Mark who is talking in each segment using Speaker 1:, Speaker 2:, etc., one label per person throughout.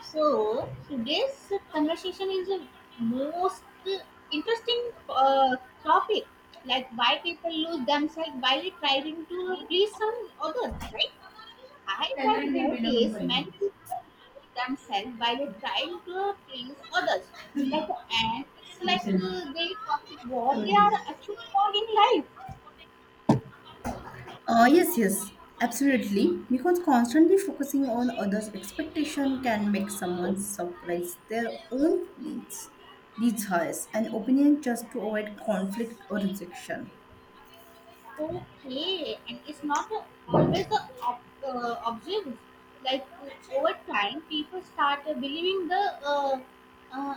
Speaker 1: So today's conversation is the most interesting topic, like why people lose themselves while trying to please some others, right? I have
Speaker 2: 10:30 വിലോകം
Speaker 1: noticed
Speaker 2: കഴിഞ്ഞു
Speaker 1: many people lose themselves while trying to please others, like and it's like they forget what they are actually want in life.
Speaker 2: Yes, yes, absolutely. Because constantly focusing on others' expectation can make someone suppress their own feelings, desires, and opinion just to avoid conflict or rejection.
Speaker 1: Okay, and it's not a, always a, observed. Like over time, people start believing the uh,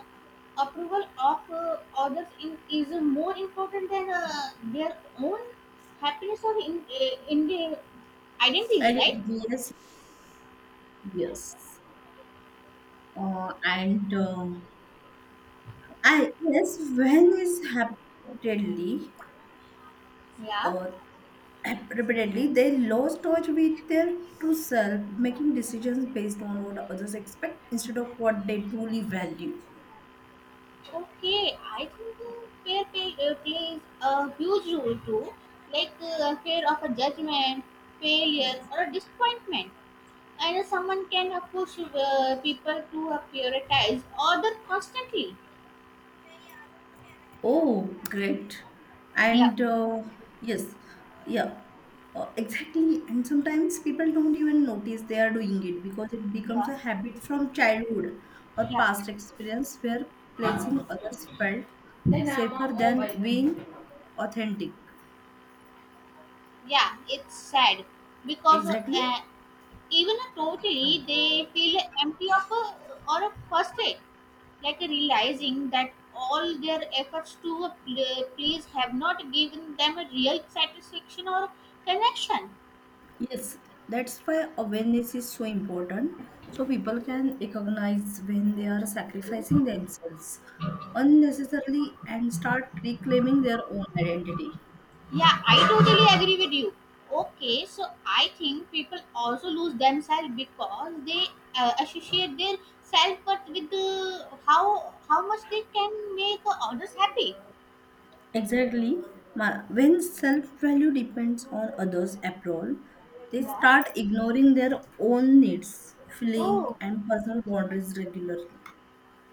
Speaker 1: approval of others in, is more important than their own happiness or in their
Speaker 2: I
Speaker 1: identities,
Speaker 2: did
Speaker 1: right?
Speaker 2: yes, yes, and I yes, when is
Speaker 1: Yeah.
Speaker 2: uh, rapidly they lost touch with their true self, making decisions based on what others expect instead of what they truly value.
Speaker 1: Okay, I think fair pay plays a huge role too, like fear of a judgment, failure, or a disappointment. And someone can push people to prioritize order constantly.
Speaker 2: Oh, great.
Speaker 1: Yeah,
Speaker 2: And yes, yeah. Exactly, and sometimes people don't even notice they are doing it because it becomes
Speaker 1: yeah,
Speaker 2: a habit from childhood or
Speaker 1: yeah,
Speaker 2: past experience where pleasing others felt safer than being authentic.
Speaker 1: yeah, it's sad because
Speaker 2: Exactly.
Speaker 1: even totally they feel empty of or frustrated, like realizing that all their efforts to please have not given them a real satisfaction or connection.
Speaker 2: Yes, that's why awareness is so important. So people can recognize when they are sacrificing themselves unnecessarily and start reclaiming their own identity.
Speaker 1: Yeah, I totally agree with you. Okay, so I think people also lose themselves because they associate their self worth with the, how much they can make others happy.
Speaker 2: Exactly. When self value depends on others' approval, they
Speaker 1: Yeah.
Speaker 2: start ignoring their own needs, feelings,
Speaker 1: Oh.
Speaker 2: and personal boundaries regularly.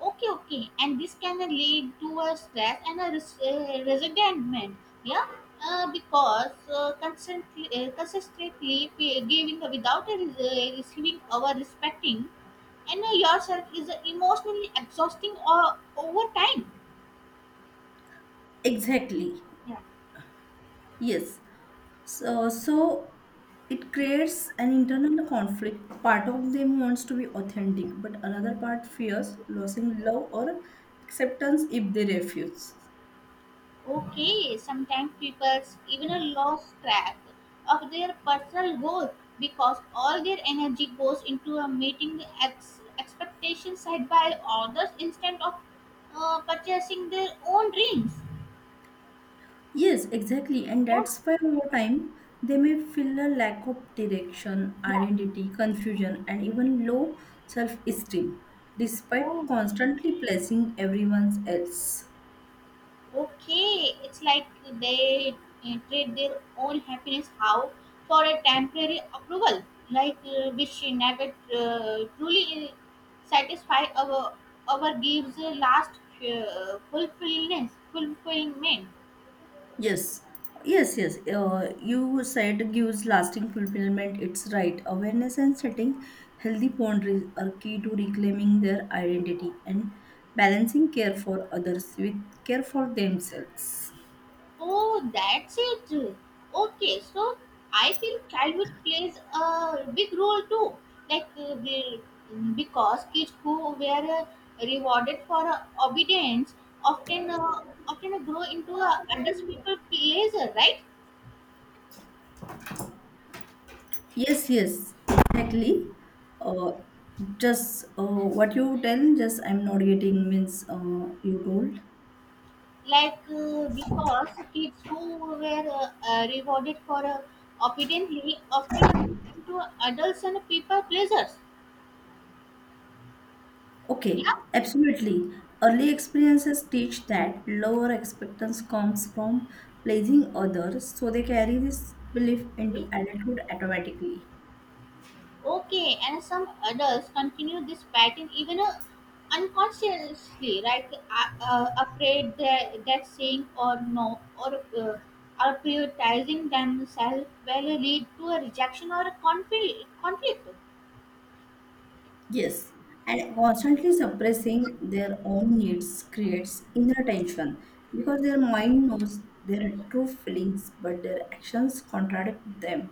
Speaker 1: Okay. Okay. And this can lead to a stress and a resentment. Yeah. Because consistently giving without a, receiving or respecting and yourself is emotionally exhausting or over time.
Speaker 2: Exactly.
Speaker 1: Yeah.
Speaker 2: Yes. So it creates an internal conflict. Part of them wants to be authentic, but another part fears losing love or acceptance if they refuse.
Speaker 1: Okay, sometimes people even lose track of their personal goals because all their energy goes into a meeting the expectations set by others instead of purchasing their own dreams.
Speaker 2: Yes, exactly. And
Speaker 1: Yeah.
Speaker 2: that's why over time they may feel a lack of direction,
Speaker 1: Yeah.
Speaker 2: identity, confusion, and even low self esteem, despite
Speaker 1: Oh.
Speaker 2: constantly placing everyone else.
Speaker 1: Okay, it's like they treat their own happiness how for a temporary approval, like which never truly satisfy our gives last fulfillment. Fulfillment.
Speaker 2: Yes, yes, yes. You said gives lasting fulfillment. It's right. Awareness and setting healthy boundaries are key to reclaiming their identity and balancing care for others with care for themselves.
Speaker 1: Oh, that's it. Okay, so I think childhood plays a big role too. Like because kids who were uh, rewarded for obedience often uh, often grow into other people pleaser, right?
Speaker 2: Yes, yes, exactly. Uh, just what you tell, just I'm not getting means you told.
Speaker 1: Like because kids who were rewarded for obediently often grow into adults and people pleasers.
Speaker 2: Okay,
Speaker 1: Yeah.
Speaker 2: absolutely. Early experiences teach that lower expectance comes from pleasing others, so they carry this belief into
Speaker 1: Okay.
Speaker 2: adulthood automatically.
Speaker 1: Okay, and some adults continue this pattern even unconsciously, right? Afraid that saying or no or are prioritizing themselves will lead to a rejection or a conflict.
Speaker 2: Yes, and constantly suppressing their own needs creates inner tension because their mind knows their true feelings, but their actions contradict them.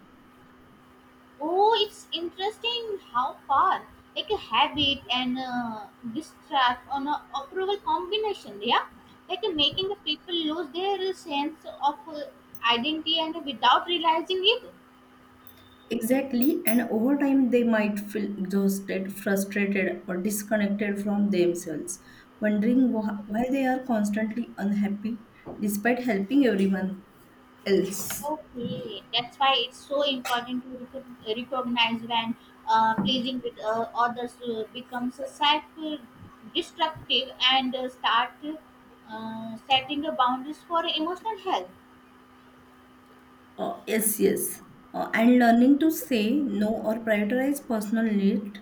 Speaker 1: Oh, it's interesting how far like a habit and distrust on a approval combination, yeah, like making the people lose their sense of identity and without realizing it.
Speaker 2: Exactly, and over time they might feel exhausted, frustrated, or disconnected from themselves, wondering why they are constantly unhappy despite helping everyone else.
Speaker 1: Okay, that's why it's so important to recognize when pleasing with others becomes a cycle destructive and start setting the boundaries for emotional health.
Speaker 2: Yes, yes. And learning to say no or prioritize personal need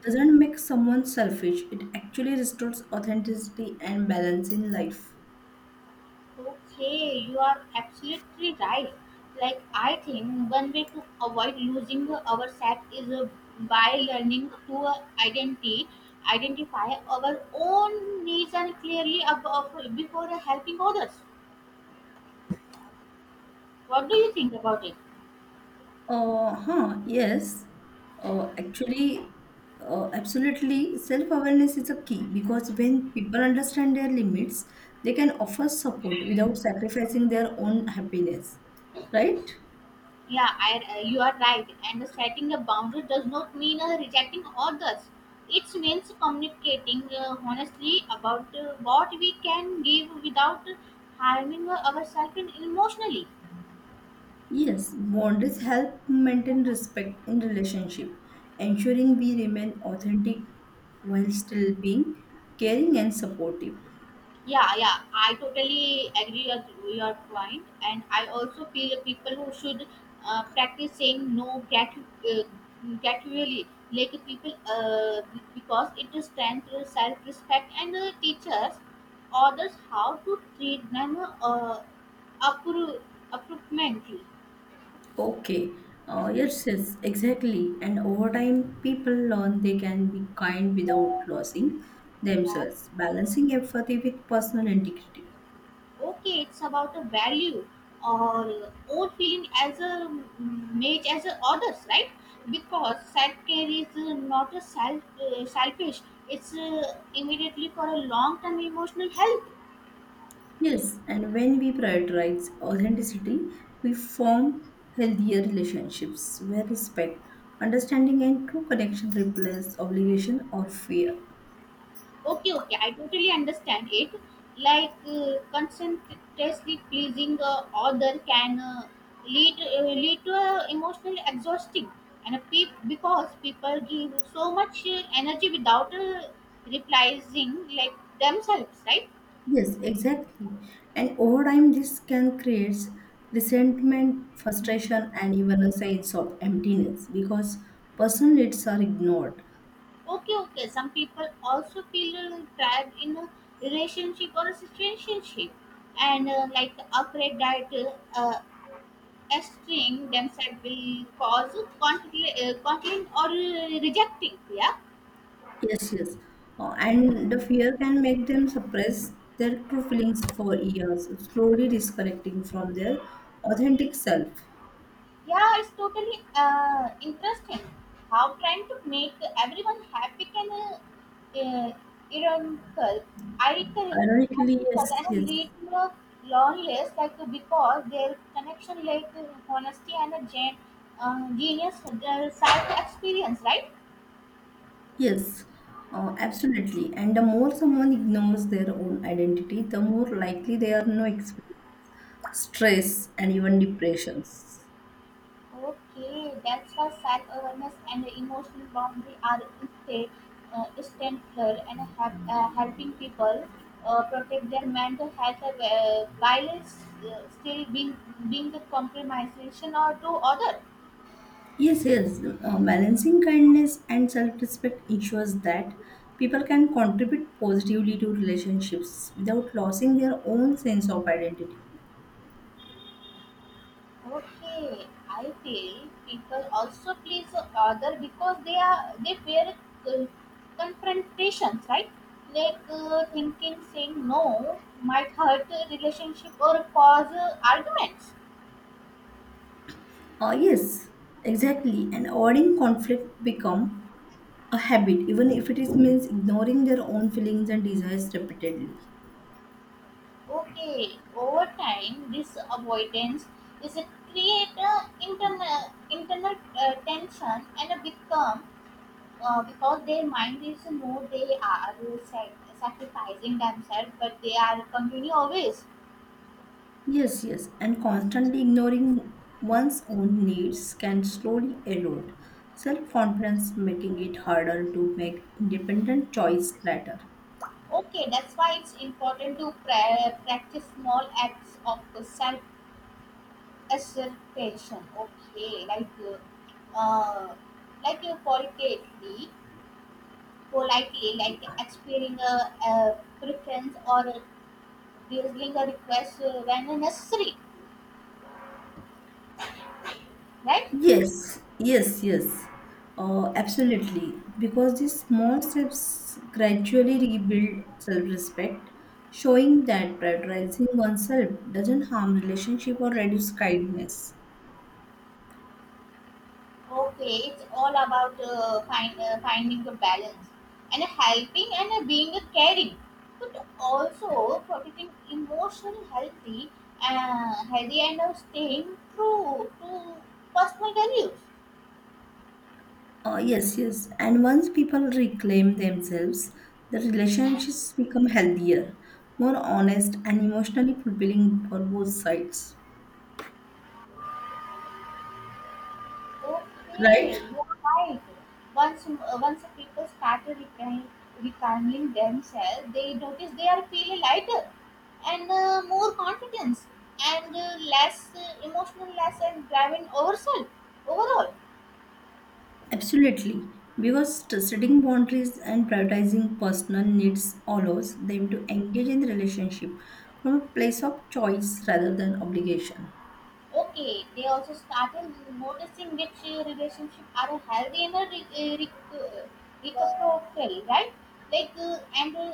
Speaker 2: doesn't make someone selfish, it actually restores authenticity and balance in life.
Speaker 1: Okay, you are absolutely right. Like I think one way to avoid losing ourselves is by learning to identity identify our own needs and clearly above, before helping others. What do you think about it?
Speaker 2: Yes. Uh, actually, Absolutely, self-awareness is a key because when people understand their limits, they can offer support without sacrificing their own happiness, right?
Speaker 1: Yeah, you are right. And setting a boundary does not mean rejecting others. It means communicating honestly about what we can give without harming ourselves emotionally.
Speaker 2: Yes, boundaries help maintain respect in relationship, ensuring we remain authentic while still being caring and supportive.
Speaker 1: Yeah, yeah, I totally agree with your point, and I also feel people who should practice saying no gratuitously, like people, because it is strengthens self-respect and teaches others how to treat them uh, appro- appropriately.
Speaker 2: Okay. Yes, yes, exactly. And over time, people learn they can be kind without losing
Speaker 1: Yeah.
Speaker 2: themselves, balancing empathy with personal integrity.
Speaker 1: Okay, it's about a value or own feeling as a mate as a others, right? Because self-care is not a selfish. It's immediately for a long-term emotional health.
Speaker 2: Yes, and when we prioritize authenticity, we form healthier relationships where respect, understanding, and true connection replace obligation or fear.
Speaker 1: Okay, okay, I totally understand it. Like consistently pleasing other can lead to emotional exhausting and a peop because people give so much energy without realizing like themselves, right?
Speaker 2: Yes, exactly. And over time, this can create resentment, frustration, and even a sense of emptiness because personal needs are ignored.
Speaker 1: Okay, okay, some people also feel trapped in a relationship or a situationship, and like afraid that uh, string themselves will cause content or rejecting, yeah.
Speaker 2: Yes, yes. And the fear can make them suppress their true feelings for years, slowly disconnecting from their authentic self.
Speaker 1: Yeah, it's totally interesting how trying to make everyone happy can uh, ironical ironical
Speaker 2: Ironically,
Speaker 1: ironical
Speaker 2: yes,
Speaker 1: and
Speaker 2: yes,
Speaker 1: lead to a loneliness, like because their connection like honesty and a genius side experience, right?
Speaker 2: yes, absolutely. And the more someone ignores their own identity, the more likely they are no stress and even depressions.
Speaker 1: Okay, that's how self-awareness and emotional boundary are essential and helping people protect their mental health still being the compromisation or to other.
Speaker 2: Yes, yes. Balancing kindness and self-respect ensures that people can contribute positively to relationships without losing their own sense of identity.
Speaker 1: Okay, I feel people also please other because they fear uh, confrontations, right? Like thinking saying no might hurt a relationship or cause arguments.
Speaker 2: Yes, exactly. And avoiding conflict become a habit, even if it is means ignoring their own feelings and desires repeatedly.
Speaker 1: Okay, over time, this avoidance is a creator internal tension and a become because their mind is no, they are sac- sacrificing themselves, but they are continue always.
Speaker 2: Yes, yes, and constantly ignoring one's own needs can slowly erode self confidence, making it harder to make independent choice later.
Speaker 1: Okay, that's why it's important to practice small acts of self assertion. Okay, uh, like qualitatively politely, like expressing a preference or raising a request when necessary, right?
Speaker 2: Yes, yes, yes, absolutely. Because these small steps gradually rebuild self respect, showing that prioritizing oneself doesn't harm relationship or reduce kindness.
Speaker 1: Okay, it's all about finding the balance and helping and being a caring, but also protecting emotional healthy, healthy and staying true to personal values.
Speaker 2: Yes, yes. And once people reclaim themselves, the relationships become healthier, more honest, and emotionally fulfilling for both sides.
Speaker 1: Okay,
Speaker 2: Right?
Speaker 1: you are right. Once people start recalming, recalming themselves, they notice they are feeling lighter and more confidence and less emotional, less and driving overself overall.
Speaker 2: Absolutely. Because setting boundaries and prioritizing personal needs allows them to engage in the relationship from a place of choice rather than obligation.
Speaker 1: Okay, they also started noticing which relationship are a healthy and a recoverable, right? Like and.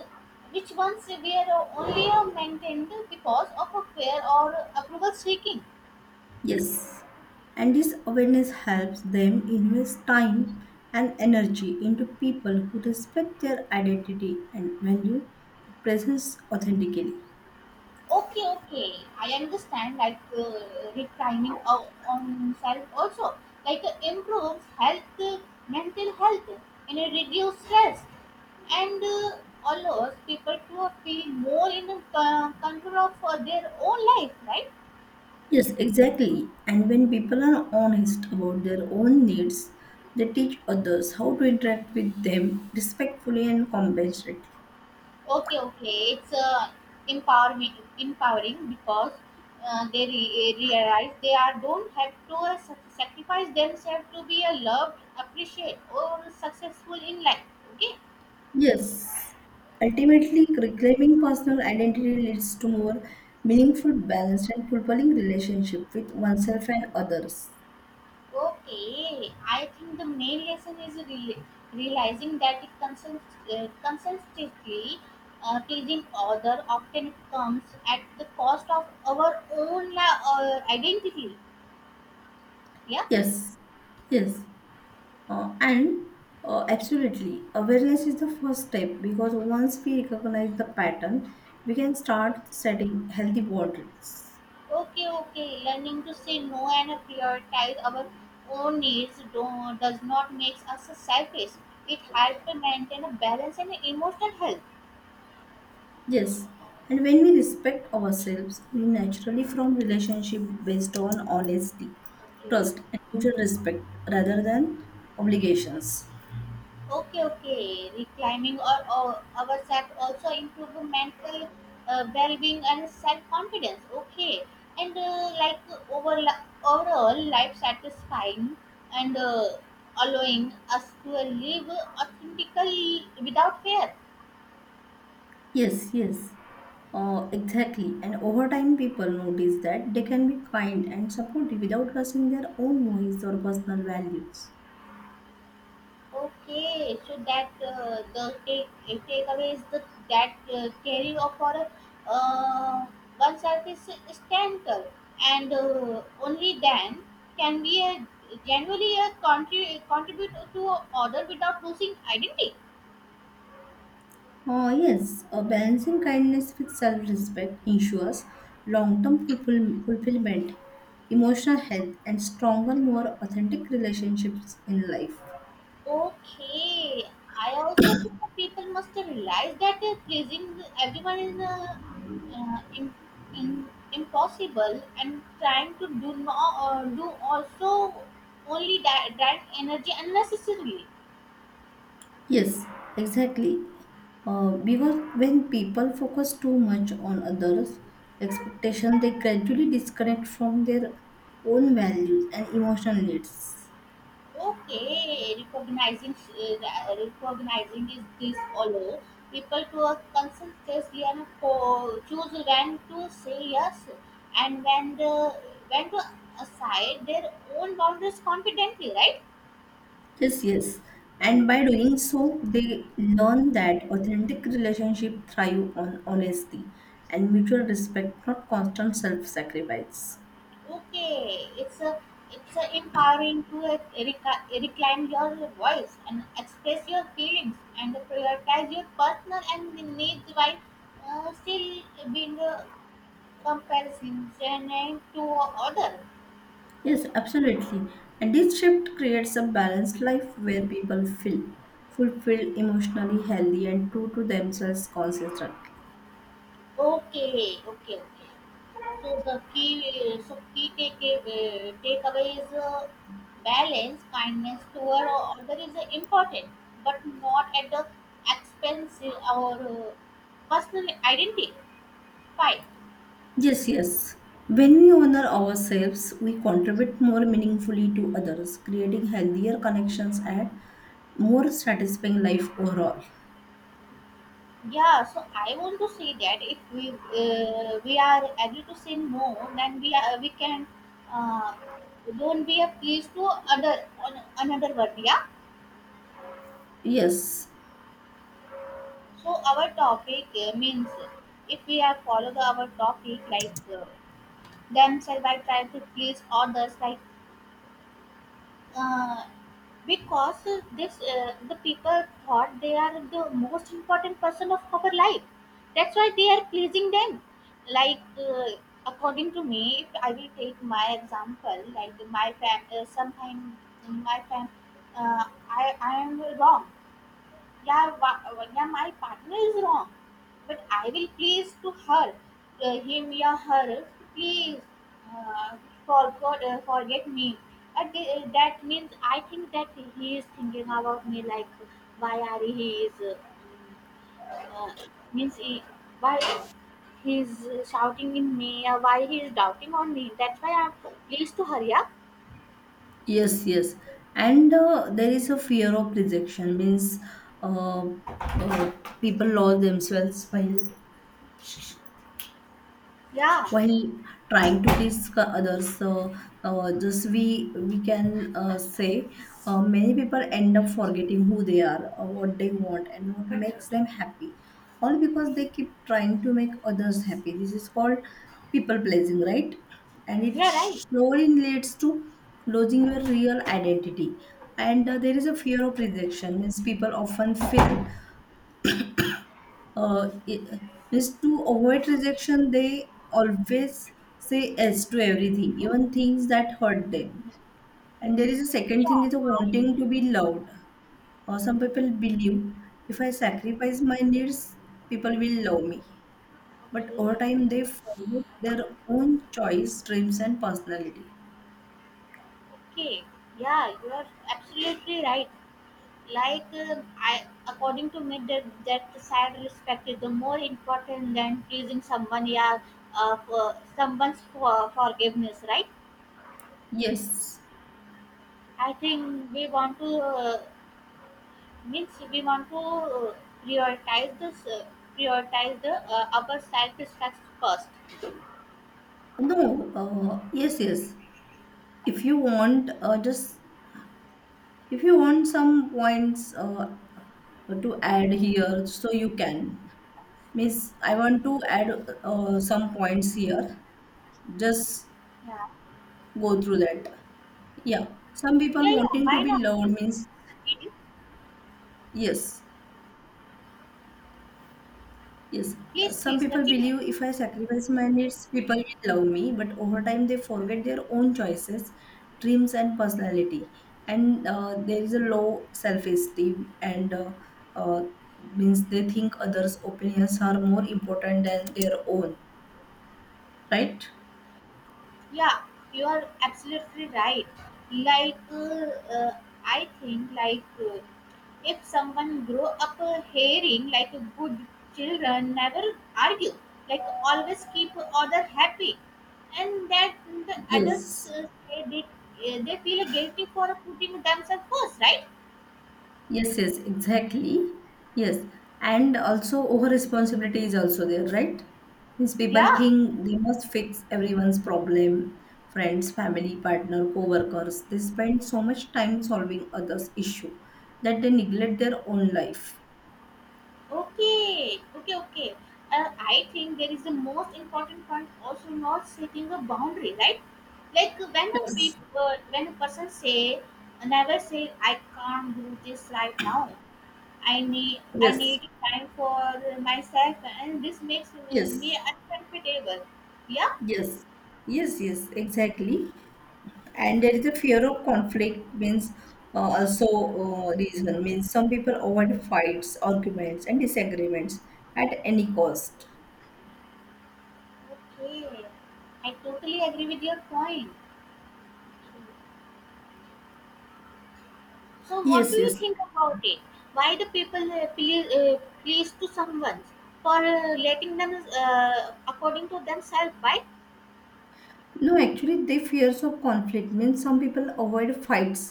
Speaker 1: Which ones we are only maintained because of a fear or approval seeking.
Speaker 2: Yes, and this awareness helps them invest time and energy into people who respect their identity and value the presence authentically.
Speaker 1: Okay, okay. I understand. Like reclining on self also, like improves mental health, and it reduces stress, and allows people to feel more in the control of their own life, right?
Speaker 2: Yes, exactly. And when people are honest about their own needs, they teach others how to interact with them respectfully and compassionately.
Speaker 1: Okay, okay. It's empowering, empowering because realize they are don't have to sacrifice themselves to be a loved, appreciated, or successful in life. Okay.
Speaker 2: Yes, ultimately, reclaiming personal identity leads to more meaningful, balanced, and fulfilling relationship with oneself and others.
Speaker 1: Okay, I think the main lesson is realizing that it consult, consistently pleasing other often comes at the cost of our own identity. Yeah.
Speaker 2: Yes, yes, and absolutely. Awareness is the first step because once we recognize the pattern, we can start setting healthy boundaries.
Speaker 1: Okay. Okay. Learning to say no and prioritize our own needs does not make us selfish. It helps to maintain a balance and emotional health.
Speaker 2: Yes, and when we respect ourselves, we naturally form relationship based on honesty,
Speaker 1: Okay.
Speaker 2: trust, and mutual respect rather than obligations.
Speaker 1: Okay, okay. Reclaiming ourselves also improve mental well-being and self-confidence. Okay, and like over overall life satisfying and allowing us to live authentically without fear.
Speaker 2: Yes, yes, exactly. And over time, people notice that they can be kind and supportive without losing their own voice or personal values.
Speaker 1: Okay, so that the takeaway is the that theory of our uh, oneself is standard, and only then can we genuinely contribute to order without losing identity.
Speaker 2: Yes, balancing kindness with self respect ensures long term fulfillment, emotional health, and stronger, more authentic relationships in life.
Speaker 1: Okay, I also think that people must realize that pleasing everyone is uh, im- impossible, and trying to do no do also only that energy unnecessarily.
Speaker 2: Yes, exactly. Because when people focus too much on others' expectation, they gradually disconnect from their own values and emotional needs.
Speaker 1: Okay, recognizing is this allow people to conscientiously and choose when to say yes and when to aside their own boundaries confidently, right?
Speaker 2: Yes, yes. And by doing so, they learn that authentic relationships thrive on honesty and mutual respect, not constant self-sacrifice.
Speaker 1: Okay, it's a empowering to reclaim your voice and express your feelings and prioritize your personal and needs while still being comparison name to other.
Speaker 2: Yes, absolutely. And this shift creates a balanced life where people feel fulfilled, emotionally healthy, and true to themselves consistently.
Speaker 1: Okay, okay, okay. So so key take, takeaway is balance, kindness toward other is important, but not at the expense or personal identity. Fine.
Speaker 2: Yes, yes. When we honor ourselves, we contribute more meaningfully to others, creating healthier connections and more satisfying life overall.
Speaker 1: Yeah. So I want to say that if we are able to say no, then we can uh, don't be a please to other on another word. Yeah.
Speaker 2: Yes,
Speaker 1: So our topic means if we have followed our topic like themselves by trying to please others, like uh, because this the people thought they are the most important person of our life. That's why they are pleasing them. Like according to me, if I will take my example, like my fam, uh, I am wrong, yeah, Vanya, my partner is wrong, but I will please to her, her, please uh, forget me. That means I think that he is thinking about me, like why are he is uh, means he, why he is shouting in me or why he is doubting on me. That's why I'm pleased to her. Yeah,
Speaker 2: yes, yes. And there is a fear of rejection, means uh, uh, people lose themselves
Speaker 1: yeah,
Speaker 2: while trying to please others, just we can say, many people end up forgetting who they are, what they want, and what makes them happy, all because they keep trying to make others happy. This is called people pleasing, right? And it
Speaker 1: yeah, right.
Speaker 2: slowly leads to losing your real identity. And there is a fear of rejection, means people often feel, uh, i- is to avoid rejection, they always say yes to everything, even things that hurt them. And there is a second
Speaker 1: Yeah,
Speaker 2: thing is a
Speaker 1: I
Speaker 2: wanting
Speaker 1: think
Speaker 2: to be loved. Or some people believe if I sacrifice my needs, people will love me. But over
Speaker 1: okay.
Speaker 2: time, they follow their own choice, dreams, and personality.
Speaker 1: Okay, yeah, you are absolutely right. Like according to me, that that sad respect is the more important than pleasing someone. Yeah, for someone's forgiveness, right?
Speaker 2: Yes.
Speaker 1: I think we want to means we want to prioritize this, uh, prioritize the our self respect first.
Speaker 2: No. Yes. Yes. If you want, just if you want some points to add here, so you can miss. I want to add some points here, just
Speaker 1: Yeah,
Speaker 2: go through that, yeah. Some people
Speaker 1: yeah, yeah.
Speaker 2: wanting to
Speaker 1: Why
Speaker 2: be
Speaker 1: not?
Speaker 2: loved
Speaker 1: Please
Speaker 2: means
Speaker 1: continue.
Speaker 2: yes yes,
Speaker 1: Please,
Speaker 2: some
Speaker 1: please
Speaker 2: people
Speaker 1: continue.
Speaker 2: believe if I sacrifice my needs, people will love me, but over time they forget their own choices, dreams, and personality. And there is a low self-esteem and uh, means they think others opinions are more important than their own, right?
Speaker 1: Yeah, you are absolutely right. Like uh, I think like if someone grow up hearing like good children never argue, like always keep other happy, and that the adults
Speaker 2: Yes,
Speaker 1: say they feel guilty for putting themselves first, right?
Speaker 2: yes, yes, exactly. Yes, and also over responsibility is also there, right? Means people
Speaker 1: Yeah.
Speaker 2: think they must fix everyone's problem, friends, family, partner, co-workers. They spend so much time solving others' issue that they neglect their own life.
Speaker 1: Okay, okay, okay. I think there is the most important point also not setting a boundary, right? Like when a
Speaker 2: Yes,
Speaker 1: people, when a person say, never say, I can't do this right now. I
Speaker 2: yes,
Speaker 1: need time for myself, and this makes me
Speaker 2: yes,
Speaker 1: uncomfortable. Yeah.
Speaker 2: yes, yes, yes, exactly. And there is a fear of conflict, means also reason means some people avoid fights, arguments, and disagreements at any cost.
Speaker 1: Okay. I totally agree with your point. So, what do
Speaker 2: Yes,
Speaker 1: you
Speaker 2: yes,
Speaker 1: think about it? Why the people please to someone for letting them according to themselves, right?
Speaker 2: no, actually they fears of conflict, means some people avoid fights,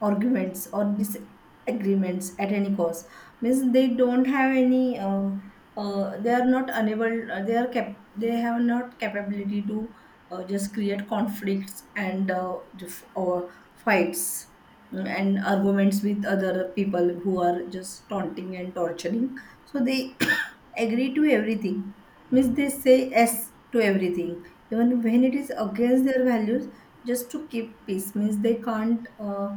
Speaker 2: arguments, or disagreements at any cost. Means they don't have any, they are not unable, they are they have not capability to just create conflicts and, or fights, Mm-hmm. and arguments with other people who are just taunting and torturing. So they agree to everything. Means they say yes to everything, even when it is against their values, just to keep peace. Means they can't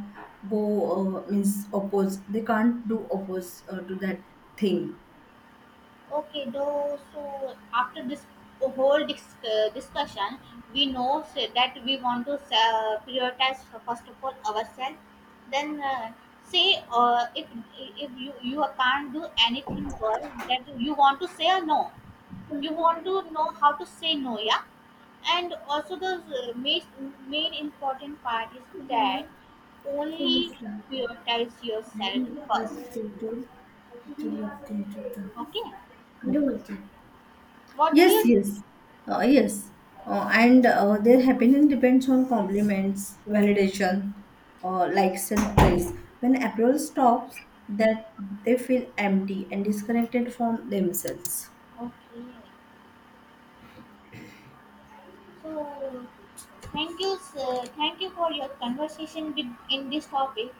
Speaker 2: go means oppose. They can't do oppose to that thing.
Speaker 1: Okay, though. So after this whole discussion, we know say, that we want to prioritize first of all ourselves. Then say if if you can't do anything, girl, that you want to say a no. You want to know how to say no, yeah, and also the main important part is that only prioritize yourself
Speaker 2: But
Speaker 1: first.
Speaker 2: they don't do what they
Speaker 1: Okay.
Speaker 2: do.
Speaker 1: What do
Speaker 2: Yes,
Speaker 1: you?
Speaker 2: yes, yes, and their happiness depends on compliments, validation, likes, and praise. When approval stops, that they feel empty and disconnected from themselves.
Speaker 1: Okay, so thank you, sir. Thank you for your conversation with, in this topic.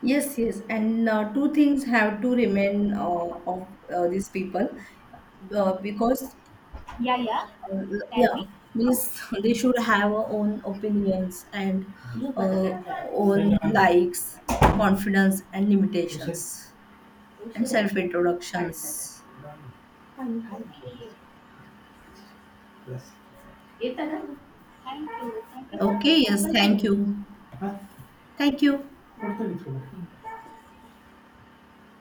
Speaker 2: Yes, yes, and two things have to remain of these people because
Speaker 1: Yeah, yeah.
Speaker 2: uh,
Speaker 1: Tell
Speaker 2: yeah,
Speaker 1: me.
Speaker 2: means they should have our own opinions and uh, own likes, confidence, and limitations. And self introductions.
Speaker 1: Okay, okay, thank you, thank you for this
Speaker 2: Okay, yes,
Speaker 1: topic.
Speaker 2: thank you. Thank you.